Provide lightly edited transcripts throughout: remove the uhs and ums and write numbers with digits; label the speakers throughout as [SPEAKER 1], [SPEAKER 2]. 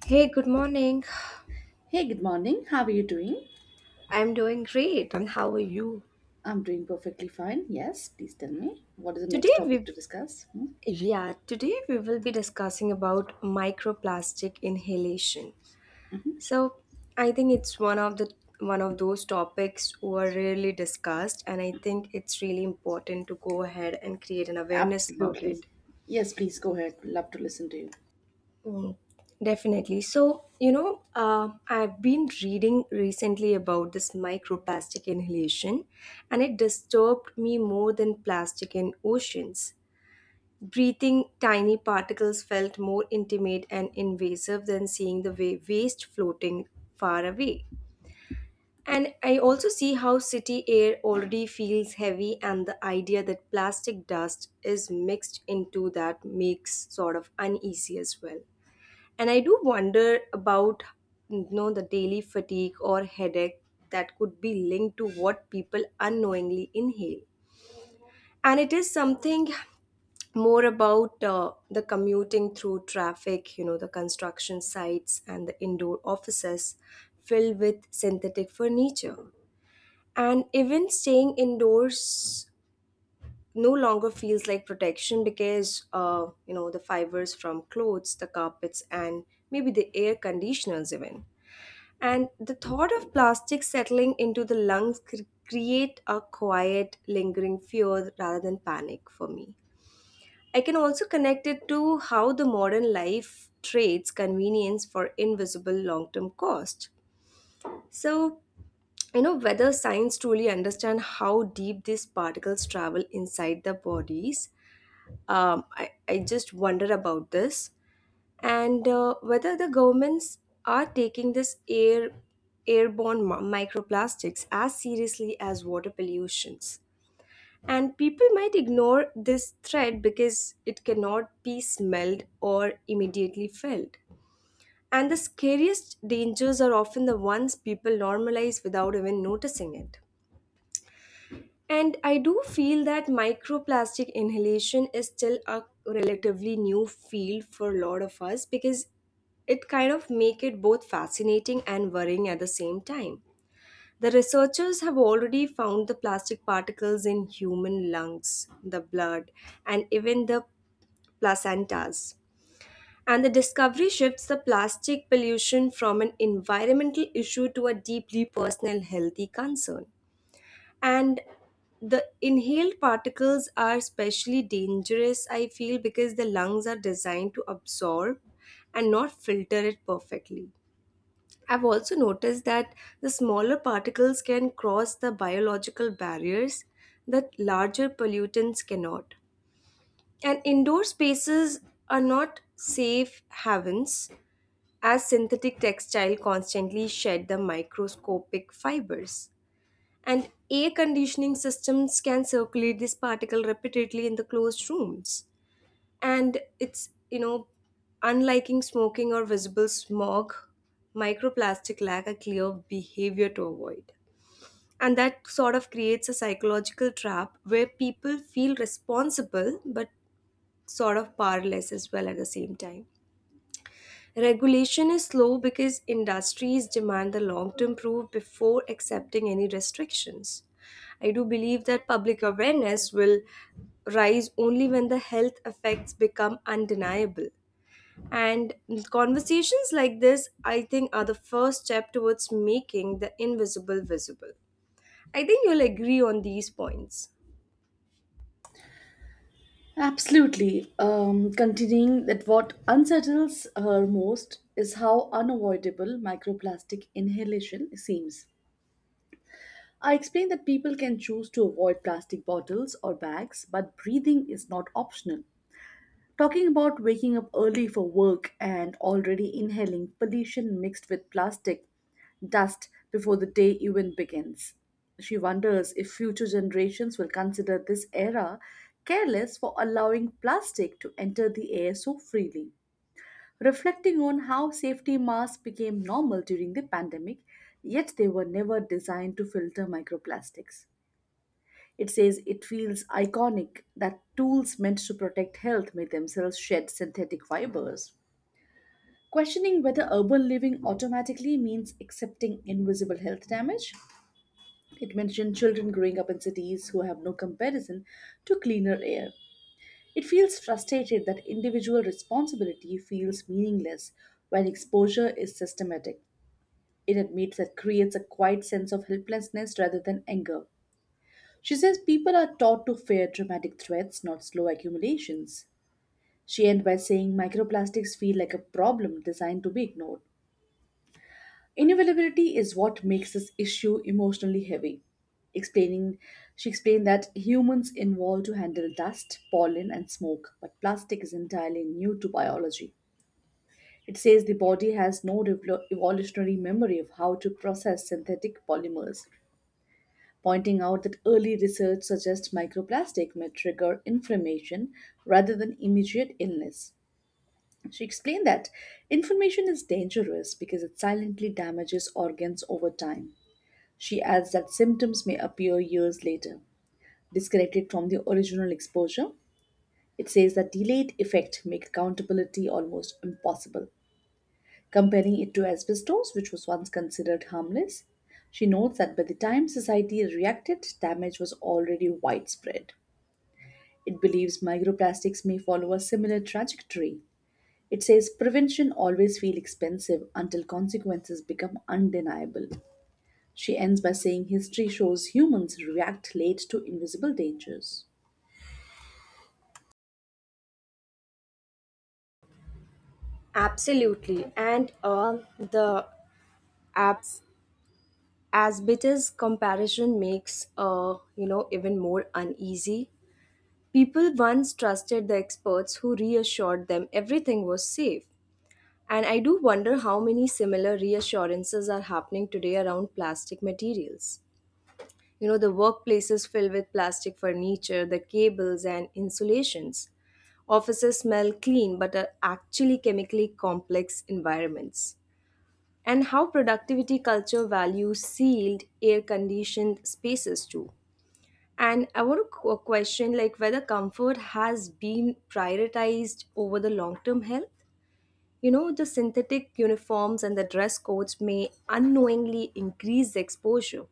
[SPEAKER 1] Hey, good morning.
[SPEAKER 2] Hey, good morning. How are you doing?
[SPEAKER 1] I'm doing great. And how are you?
[SPEAKER 2] I'm doing perfectly fine. Yes, please tell me. What is the next
[SPEAKER 1] Today
[SPEAKER 2] topic
[SPEAKER 1] we
[SPEAKER 2] to discuss? Hmm?
[SPEAKER 1] yeah, today we will be discussing about microplastic inhalation. So, I think it's one of those topics who are rarely discussed, and I think it's really important to go ahead and create an awareness about
[SPEAKER 2] Absolutely.
[SPEAKER 1] it.
[SPEAKER 2] Yes, please go ahead. Love to listen to you.
[SPEAKER 1] Mm, Definitely. So, you know, I've been reading recently about this microplastic inhalation, and it disturbed me more than plastic in oceans. Breathing tiny particles felt more intimate and invasive than seeing the waste floating far away. And I also see how city air already feels heavy, and the idea that plastic dust is mixed into that makes sort of uneasy as well. And I do wonder about, you know, the daily fatigue or headache that could be linked to what people unknowingly inhale. And it is something more about, the commuting through traffic, you know, the construction sites and the indoor offices filled with synthetic furniture. And even staying indoors no longer feels like protection because, you know, the fibers from clothes, the carpets, and maybe the air conditioners, even. And the thought of plastic settling into the lungs create a quiet, lingering fear rather than panic for me. I can also connect it to how the modern life trades convenience for invisible long-term cost. So, you know, whether science truly understand how deep these particles travel inside the bodies, I just wonder about this, and whether the governments are taking this airborne mi- microplastics as seriously as water pollutions, and people might ignore this threat because it cannot be smelled or immediately felt, and the scariest dangers are often the ones people normalize without even noticing it. And I do feel that microplastic inhalation is still a relatively new field for a lot of us, because it kind of make it both fascinating and worrying at the same time. The researchers have already found the plastic particles in human lungs, the blood, and even the placentas. And the discovery shifts the plastic pollution from an environmental issue to a deeply personal healthy concern, and the inhaled particles are especially dangerous, I feel, because the lungs are designed to absorb and not filter it perfectly. I've also noticed that the smaller particles can cross the biological barriers that larger pollutants cannot, and indoor spaces are not safe havens, as synthetic textile constantly shed the microscopic fibers, and air conditioning systems can circulate this particle repeatedly in the closed rooms. And it's, you know, unliking smoking or visible smog, microplastic lack a clear behavior to avoid, and that sort of creates a psychological trap where people feel responsible but sort of powerless as well at the same time. Regulation is slow because industries demand the long term proof before accepting any restrictions. I do believe that public awareness will rise only when the health effects become undeniable. And conversations like this, I think, are the first step towards making the invisible visible. I think you'll agree on these points.
[SPEAKER 2] Absolutely. Continuing that what unsettles her most is how unavoidable microplastic inhalation seems. I explained that people can choose to avoid plastic bottles or bags, but breathing is not optional. Talking about waking up early for work and already inhaling pollution mixed with plastic dust before the day even begins. She wonders if future generations will consider this era careless for allowing plastic to enter the air so freely. Reflecting on how safety masks became normal during the pandemic, yet they were never designed to filter microplastics. It says it feels iconic that tools meant to protect health may themselves shed synthetic fibers. Questioning whether urban living automatically means accepting invisible health damage, it mentioned children growing up in cities who have no comparison to cleaner air. It feels frustrated that individual responsibility feels meaningless when exposure is systematic. It admits that creates a quiet sense of helplessness rather than anger. She says people are taught to fear dramatic threats, not slow accumulations. She ends by saying microplastics feel like a problem designed to be ignored. Inevitability is what makes this issue emotionally heavy. Explaining, she explained that humans evolved to handle dust, pollen, and smoke, but plastic is entirely new to biology. It says the body has no evolutionary memory of how to process synthetic polymers. Pointing out that early research suggests microplastic may trigger inflammation rather than immediate illness. She explained that inflammation is dangerous because it silently damages organs over time. She adds that symptoms may appear years later, disconnected from the original exposure. It says that delayed effect make accountability almost impossible. Comparing it to asbestos, which was once considered harmless, she notes that by the time society reacted, damage was already widespread. It believes microplastics may follow a similar trajectory. It says prevention always feels expensive until consequences become undeniable. She ends by saying history shows humans react late to invisible dangers.
[SPEAKER 1] Absolutely. And the apps as bitters comparison makes, you know, even more uneasy. People once trusted the experts who reassured them everything was safe, and I do wonder how many similar reassurances are happening today around plastic materials. You know, the workplaces filled with plastic furniture, the cables and insulations, offices smell clean but are actually chemically complex environments, and how productivity culture values sealed, air conditioned spaces too. And I want to question, like, whether comfort has been prioritized over the long term health. You know, the synthetic uniforms and the dress codes may unknowingly increase the exposure,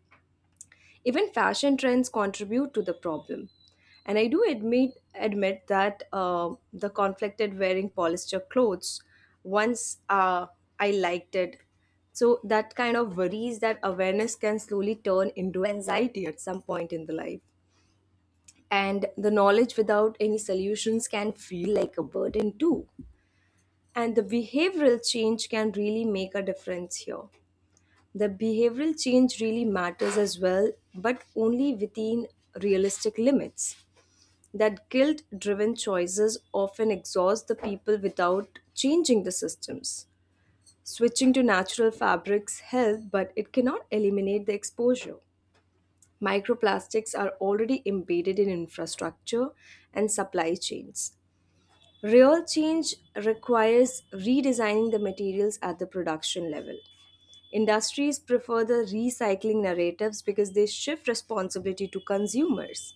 [SPEAKER 1] even fashion trends contribute to the problem. And I do admit that, the conflicted wearing polyester clothes, once, I liked it. So that kind of worries that awareness can slowly turn into anxiety at some point in the life. And the knowledge without any solutions can feel like a burden too. And the behavioral change can really make a difference here. The behavioral change really matters as well, but only within realistic limits. That guilt driven choices often exhaust the people without changing the systems. Switching to natural fabrics help, but it cannot eliminate the exposure. Microplastics are already embedded in infrastructure and supply chains. Real change requires redesigning the materials at the production level. Industries prefer the recycling narratives because they shift responsibility to consumers.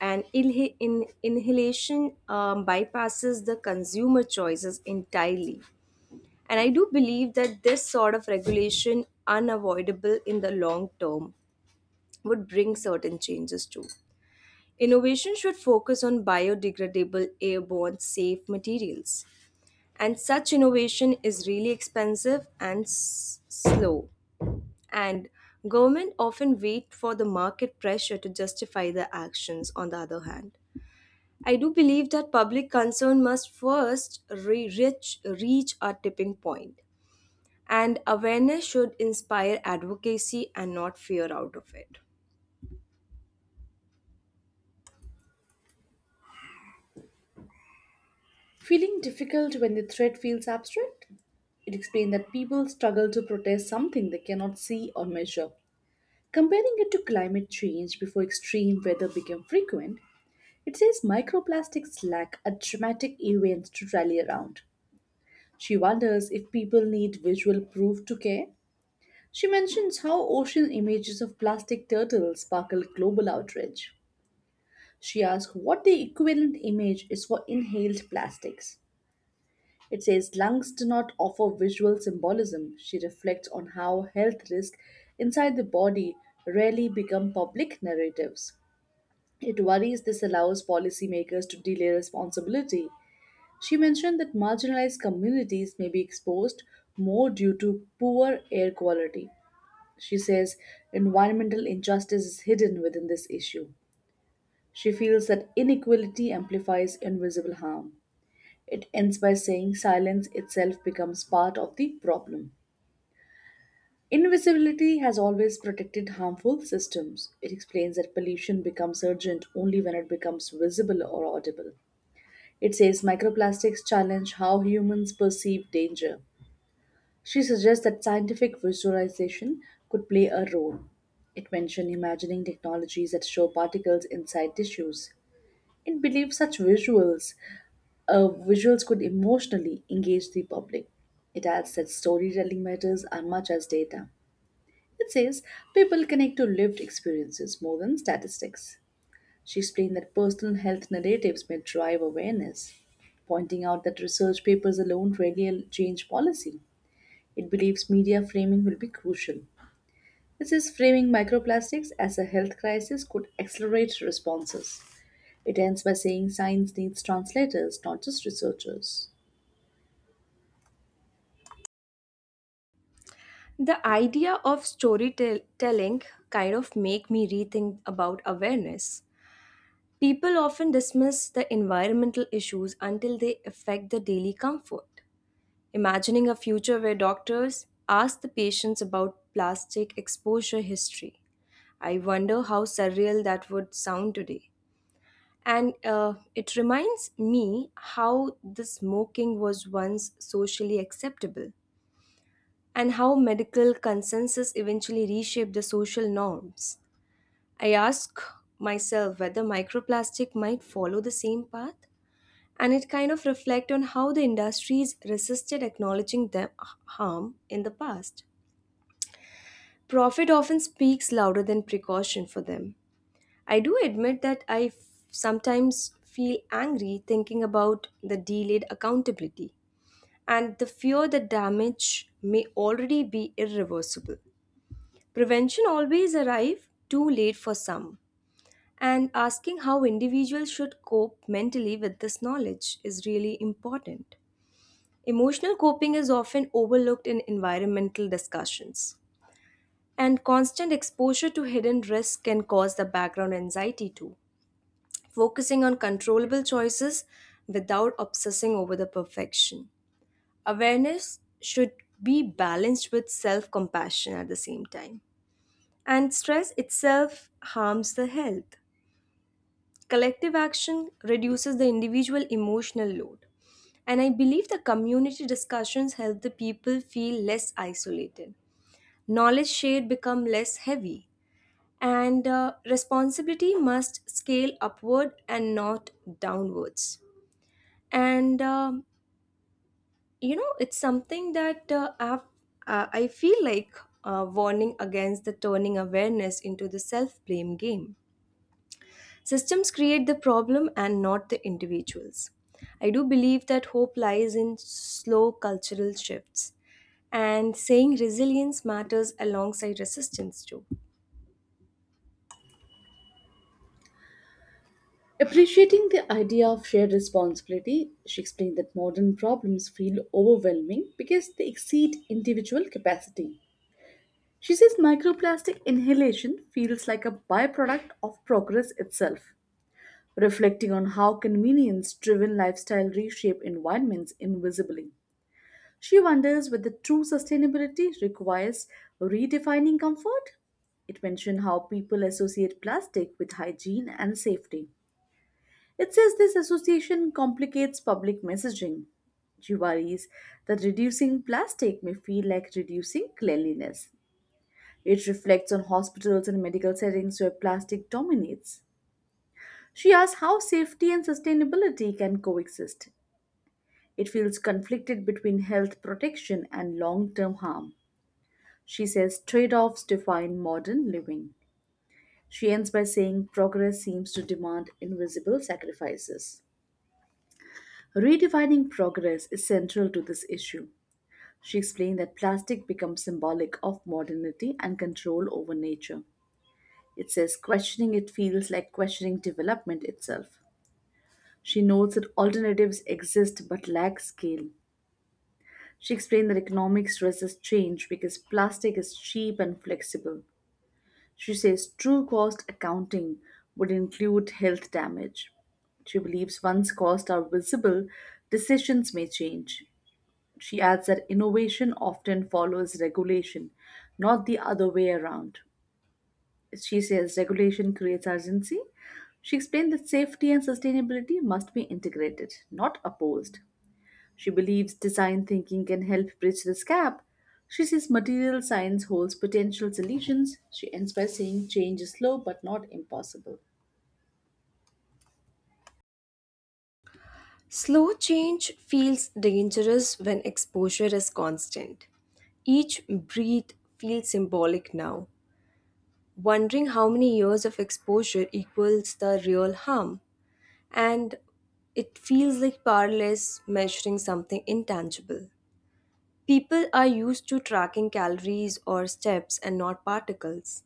[SPEAKER 1] And inhalation bypasses the consumer choices entirely. And I do believe that this sort of regulation, unavoidable in the long term, would bring certain changes too. Innovation should focus on biodegradable, airborne, safe materials. And such innovation is really expensive and slow. And government often wait for the market pressure to justify their actions on the other hand. I do believe that public concern must first reach a tipping point, and awareness should inspire advocacy and not fear out of it.
[SPEAKER 2] Feeling difficult when the threat feels abstract? It explained that people struggle to protest something they cannot see or measure. Comparing it to climate change before extreme weather became frequent, it says microplastics lack a dramatic event to rally around. She wonders if people need visual proof to care. She mentions how ocean images of plastic turtles sparkle global outrage. She asks what the equivalent image is for inhaled plastics. It says lungs do not offer visual symbolism. She reflects on how health risks inside the body rarely become public narratives. It worries this allows policymakers to delay responsibility. She mentioned that marginalized communities may be exposed more due to poor air quality. She says environmental injustice is hidden within this issue. She feels that inequality amplifies invisible harm. It ends by saying silence itself becomes part of the problem. Invisibility has always protected harmful systems. It explains that pollution becomes urgent only when it becomes visible or audible. It says microplastics challenge how humans perceive danger. She suggests that scientific visualization could play a role. It mentioned imagining technologies that show particles inside tissues. It believes such visuals could emotionally engage the public. It adds that storytelling matters as much as data. It says people connect to lived experiences more than statistics. She explained that personal health narratives may drive awareness, pointing out that research papers alone rarely change policy. It believes media framing will be crucial. It says framing microplastics as a health crisis could accelerate responses. It ends by saying science needs translators, not just researchers.
[SPEAKER 1] The idea of storytelling kind of make me rethink about awareness. People often dismiss the environmental issues until they affect the daily comfort. Imagining a future where doctors ask the patients about plastic exposure history. I wonder how surreal that would sound today. And it reminds me how the smoking was once socially acceptable, and how medical consensus eventually reshaped the social norms. I ask myself whether microplastic might follow the same path, and it kind of reflect on how the industries resisted acknowledging them harm in the past. Profit often speaks louder than precaution for them. I do admit that sometimes feel angry thinking about the delayed accountability and the fear that damage may already be irreversible. Prevention always arrive too late for some, and asking how individuals should cope mentally with this knowledge is really important. Emotional coping is often overlooked in environmental discussions, and constant exposure to hidden risks can cause the background anxiety too. Focusing on controllable choices without obsessing over the perfection. Awareness should be balanced with self compassion at the same time, and stress itself harms the health. Collective action reduces the individual emotional load. And I believe the community discussions help the people feel less isolated. Knowledge shared become less heavy. And responsibility must scale upward and not downwards. And you know, it's something that I feel like, warning against the turning awareness into the self blame game. Systems create the problem and not the individuals. I do believe that hope lies in slow cultural shifts, and saying resilience matters alongside resistance too.
[SPEAKER 2] Appreciating the idea of shared responsibility, she explained that modern problems feel overwhelming because they exceed individual capacity. She says microplastic inhalation feels like a byproduct of progress itself, reflecting on how convenience driven lifestyle reshape environments invisibly. She wonders whether true sustainability requires redefining comfort. It mentions how people associate plastic with hygiene and safety. It says this association complicates public messaging. She worries that reducing plastic may feel like reducing cleanliness. It reflects on hospitals and medical settings where plastic dominates. She asks how safety and sustainability can coexist. It feels conflicted between health protection and long term harm. She says trade offs define modern living. She ends by saying progress seems to demand invisible sacrifices. Redefining progress is central to this issue. She explained that plastic becomes symbolic of modernity and control over nature. It says, questioning it feels like questioning development itself. She notes that alternatives exist but lack scale. She explained that economics resists change because plastic is cheap and flexible. She says true cost accounting would include health damage. She believes once costs are visible, decisions may change. She adds that innovation often follows regulation, not the other way around. She says regulation creates urgency. She explained that safety and sustainability must be integrated, not opposed. She believes design thinking can help bridge this gap. She says material science holds potential solutions. She ends by saying change is slow but not impossible.
[SPEAKER 1] Slow change feels dangerous when exposure is constant. Each breath feels symbolic now, wondering how many years of exposure equals the real harm. And it feels like powerless measuring something intangible. People are used to tracking calories or steps and not particles.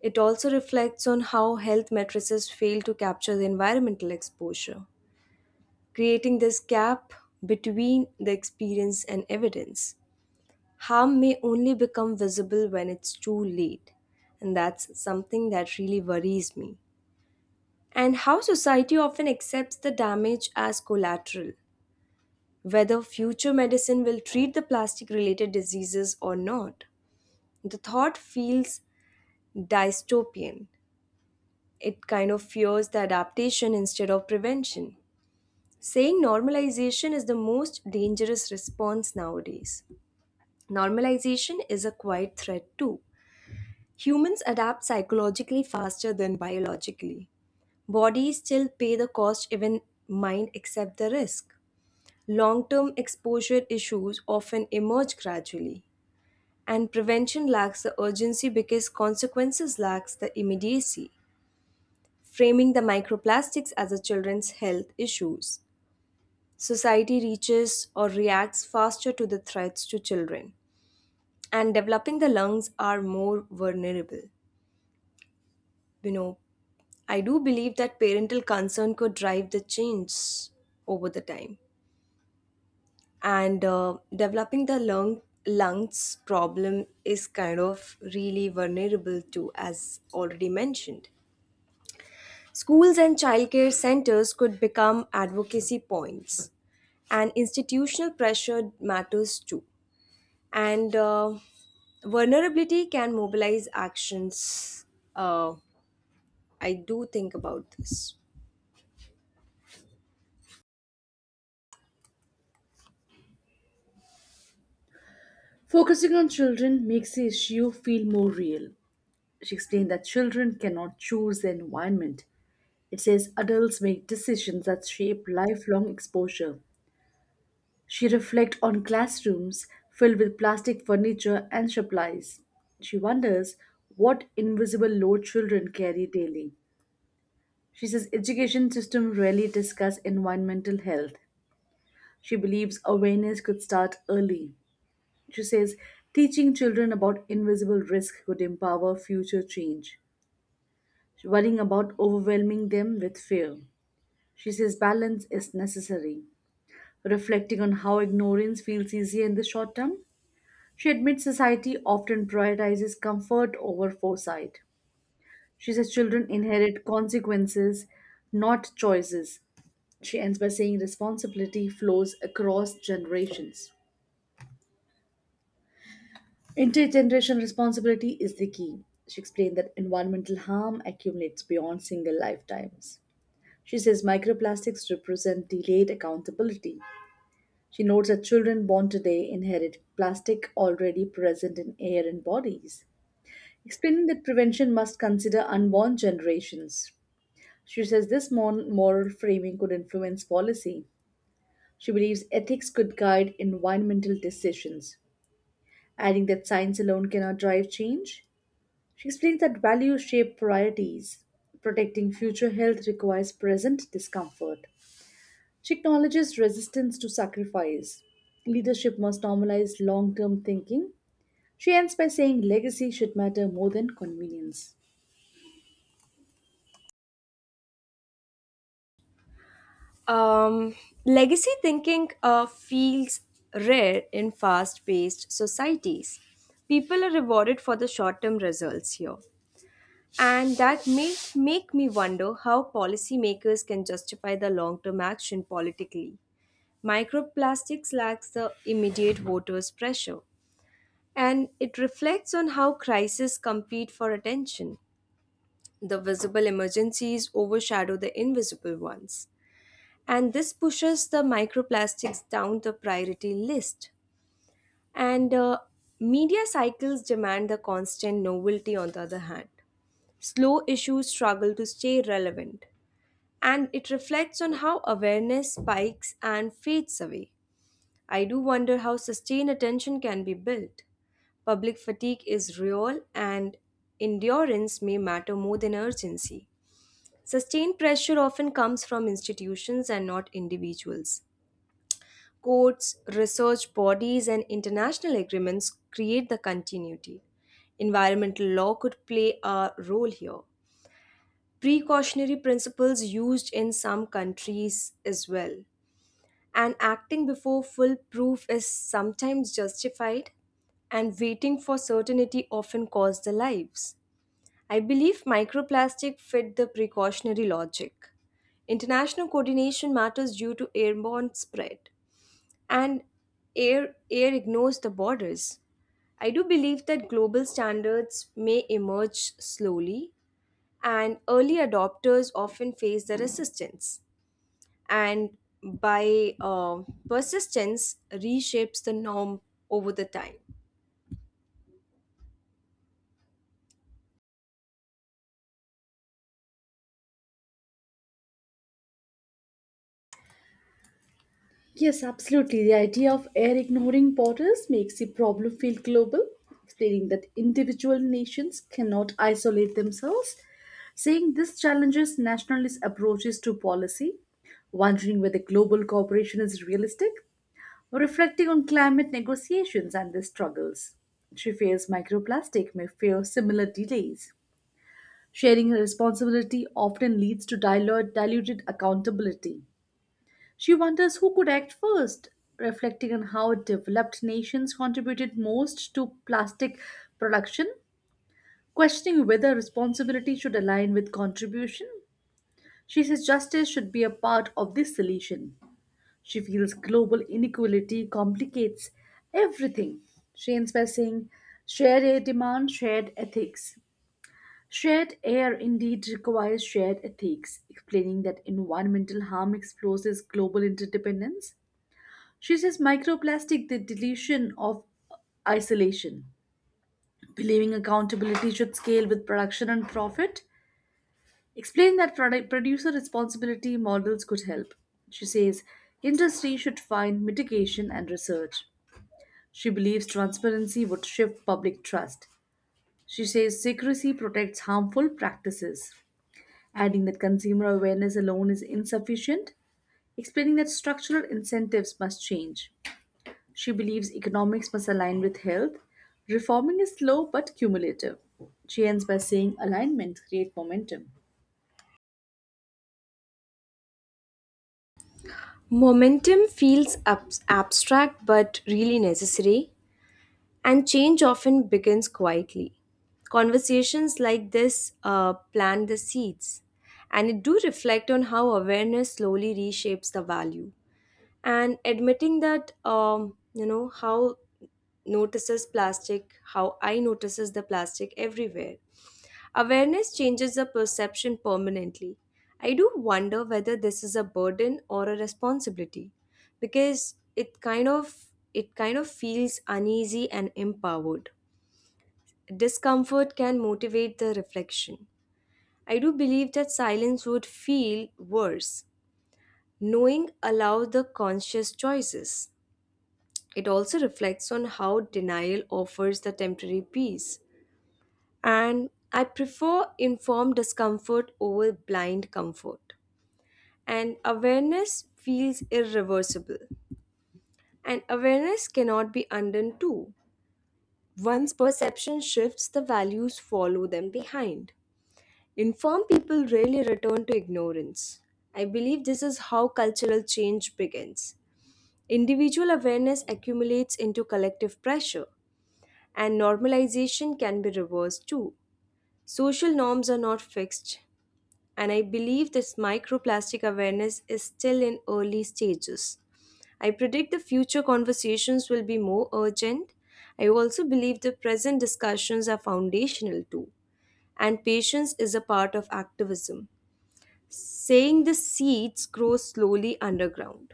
[SPEAKER 1] It also reflects on how health matrices fail to capture the environmental exposure, creating this gap between the experience and evidence. Harm may only become visible when it's too late, and that's something that really worries me. And how society often accepts the damage as collateral, whether future medicine will treat the plastic related diseases or not. The thought feels dystopian. It kind of fears the adaptation instead of prevention. Saying normalization is the most dangerous response nowadays. Normalization is a quiet threat too. Humans adapt psychologically faster than biologically. Bodies still pay the cost even mind accept the risk. Long-term exposure issues often emerge gradually, and prevention lacks the urgency because consequences lacks the immediacy. Framing the microplastics as a children's health issues. Society reaches or reacts faster to the threats to children, and developing the lungs are more vulnerable. You know, I do believe that parental concern could drive the change over the time, and developing the lungs problem is kind of really vulnerable to, as already mentioned. Schools and childcare centers could become advocacy points, and institutional pressure matters too. And vulnerability can mobilize actions. Uh, I do think about this.
[SPEAKER 2] Focusing on children makes the issue feel more real. She explained that children cannot choose their environment. It says adults make decisions that shape lifelong exposure. She reflects on classrooms filled with plastic furniture and supplies. She wonders what invisible load children carry daily. She says education system rarely discuss environmental health. She believes awareness could start early. She says teaching children about invisible risk could empower future change. Worrying about overwhelming them with fear. She says balance is necessary. Reflecting on how ignorance feels easier in the short term, she admits society often prioritizes comfort over foresight. She says children inherit consequences, not choices. She ends by saying responsibility flows across generations. Intergenerational responsibility is the key. She explained that environmental harm accumulates beyond single lifetimes. She says microplastics represent delayed accountability. She notes that children born today inherit plastic already present in air and bodies. Explaining that prevention must consider unborn generations. She says this moral framing could influence policy. She believes ethics could guide environmental decisions, adding that science alone cannot drive change. She explains that values shape priorities. Protecting future health requires present discomfort. She acknowledges resistance to sacrifice. Leadership must normalize long term thinking. She ends by saying legacy should matter more than convenience.
[SPEAKER 1] Um, Legacy thinking feels rare in fast paced societies. People are rewarded for the short term results here. And that may make me wonder how policymakers can justify the long term action politically. Microplastics lacks the immediate voters' pressure, and it reflects on how crises compete for attention. The visible emergencies overshadow the invisible ones, and this pushes the microplastics down the priority list. And media cycles demand the constant novelty, on the other hand. Slow issues struggle to stay relevant, and it reflects on how awareness spikes and fades away. I do wonder how sustained attention can be built. Public fatigue is real, and endurance may matter more than urgency. Sustained pressure often comes from institutions and not individuals. Courts, research bodies, and international agreements create the continuity. Environmental law could play a role here. Precautionary principles used in some countries as well, and acting before full proof is sometimes justified, and waiting for certainty often costs the lives. I believe microplastic fit the precautionary logic. International coordination matters due to airborne spread, and air ignores the borders. I do believe that global standards may emerge slowly, and early adopters often face the resistance, and by persistence reshapes the norm over the time.
[SPEAKER 2] Yes, absolutely. The idea of air ignoring borders makes the problem feel global, explaining that individual nations cannot isolate themselves. Saying this challenges nationalist approaches to policy, wondering whether global cooperation is realistic, or reflecting on climate negotiations and their struggles. She fears microplastic may fear similar delays. Sharing responsibility often leads to diluted accountability. She wonders who could act first, reflecting on how developed nations contributed most to plastic production, questioning whether responsibility should align with contribution. She says justice should be a part of the solution. She feels global inequality complicates everything. She ends by saying, shared air demand, shared ethics. Shared air indeed requires shared ethics, explaining that environmental harm exposes global interdependence. She says microplastic, the deletion of isolation. Believing accountability should scale with production and profit. Explain that producer responsibility models could help. She says industry should find mitigation and research. She believes transparency would shift public trust. She says secrecy protects harmful practices, adding that consumer awareness alone is insufficient, explaining that structural incentives must change. She believes economics must align with health. Reforming is slow but cumulative. She ends by saying alignment creates momentum.
[SPEAKER 1] Momentum feels abstract but really necessary, and change often begins quietly. Conversations like this plant the seeds, and it do reflect on how awareness slowly reshapes the value. And admitting that how notices plastic, how I notices the plastic everywhere. Awareness changes the perception permanently. I do wonder whether this is a burden or a responsibility because it kind of feels uneasy and empowered. Discomfort can motivate the reflection. I do believe that silence would feel worse. Knowing allows the conscious choices. It also reflects on how denial offers the temporary peace, and I prefer informed discomfort over blind comfort. And awareness feels irreversible, and awareness cannot be undone too. Once perception shifts, the values follow them behind. Informed people rarely return to ignorance. I believe this is how cultural change begins. Individual awareness accumulates into collective pressure, and normalization can be reversed too. Social norms are not fixed, and I believe this microplastic awareness is still in early stages. I predict the future conversations will be more urgent. I also believe the present discussions are foundational too, and patience is a part of activism. Saying the seeds grow slowly underground.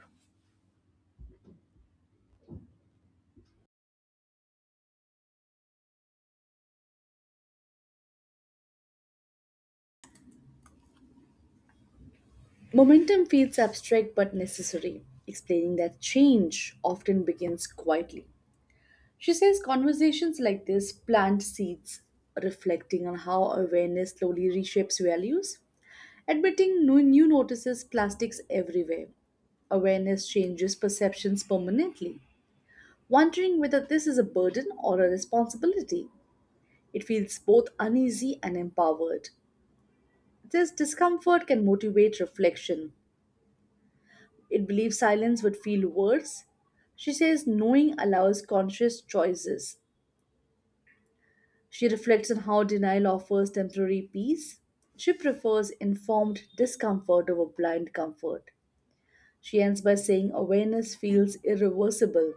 [SPEAKER 2] Momentum feels abstract but necessary, explaining that change often begins quietly. She says conversations like this plant seeds, reflecting on how awareness slowly reshapes values. Admitting no new notices plastics everywhere. Awareness changes perceptions permanently. Wondering whether this is a burden or a responsibility. It feels both uneasy and empowered. This discomfort can motivate reflection. It believes silence would feel worse. She says knowing allows conscious choices. She reflects on how denial offers temporary peace. She prefers informed discomfort over blind comfort. She ends by saying awareness feels irreversible.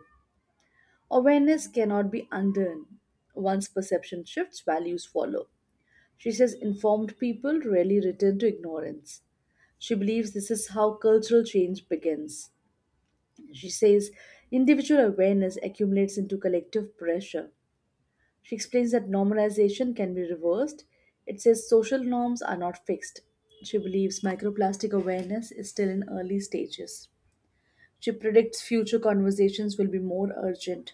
[SPEAKER 2] Awareness cannot be undone. Once perception shifts, values follow. She says informed people rarely return to ignorance. She believes this is how cultural change begins. She says individual awareness accumulates into collective pressure. She explains that normalization can be reversed. It says social norms are not fixed. She believes microplastic awareness is still in early stages. She predicts future conversations will be more urgent.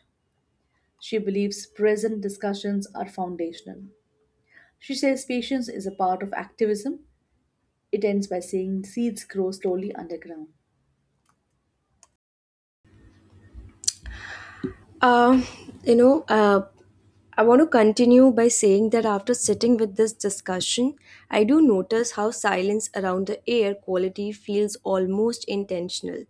[SPEAKER 2] She believes present discussions are foundational. She says patience is a part of activism. It ends by saying seeds grow slowly underground.
[SPEAKER 1] Uh, you know, uh, I want to continue by saying that after sitting with this discussion, I do notice how silence around the air quality feels almost intentional,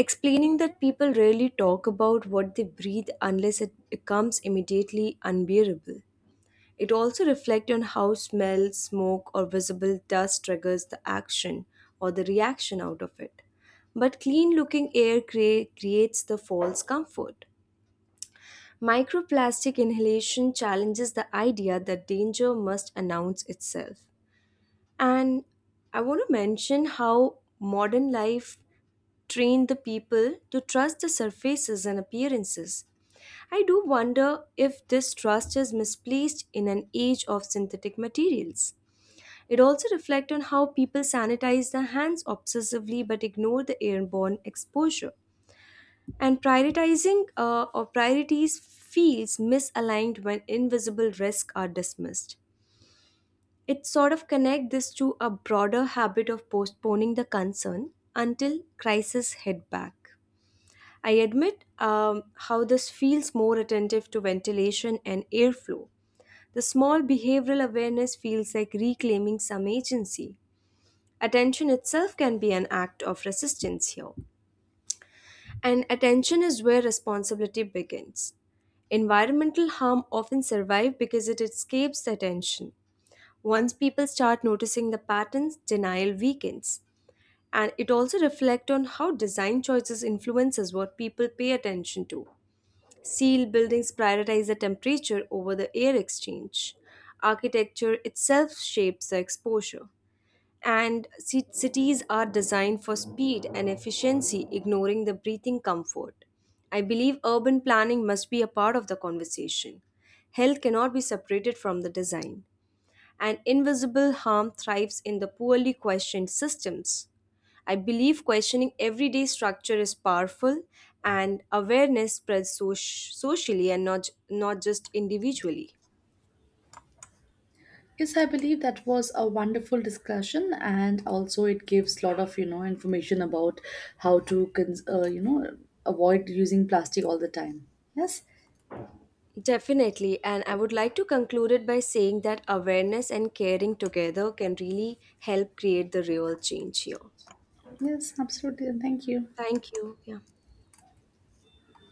[SPEAKER 1] explaining that people rarely talk about what they breathe unless it becomes immediately unbearable. It also reflects on how smell, smoke, or visible dust triggers the action or the reaction out of it. But clean looking air creates the false comfort. Microplastic inhalation challenges the idea that danger must announce itself. And I want to mention how modern life train the people to trust the surfaces and appearances. I do wonder if this trust is misplaced in an age of synthetic materials. It also reflects on how people sanitize their hands obsessively but ignore the airborne exposure. And prioritizing or priorities feels misaligned when invisible risks are dismissed. It sort of connects this to a broader habit of postponing the concern until crisis hit back. I admit how this feels more attentive to ventilation and airflow. The small behavioral awareness feels like reclaiming some agency. Attention itself can be an act of resistance here. And attention is where responsibility begins. Environmental harm often survives because it escapes the attention. Once people start noticing the patterns, denial weakens. And it also reflects on how design choices influences what people pay attention to. Steel buildings prioritize the temperature over the air exchange. Architecture itself shapes the exposure. And cities are designed for speed and efficiency, ignoring the breathing comfort. I believe urban planning must be a part of the conversation. Health cannot be separated from the design, and invisible harm thrives in the poorly questioned systems. I believe questioning everyday structure is powerful, and awareness spreads socially and not just individually.
[SPEAKER 2] Yes, I believe that was a wonderful discussion, and also it gives a lot of information about how to avoid using plastic all the time. Yes,
[SPEAKER 1] Definitely, and I would like to conclude it by saying that awareness and caring together can really help create the real change here.
[SPEAKER 2] yes, absolutely, and thank you.
[SPEAKER 1] Thank you. Yeah.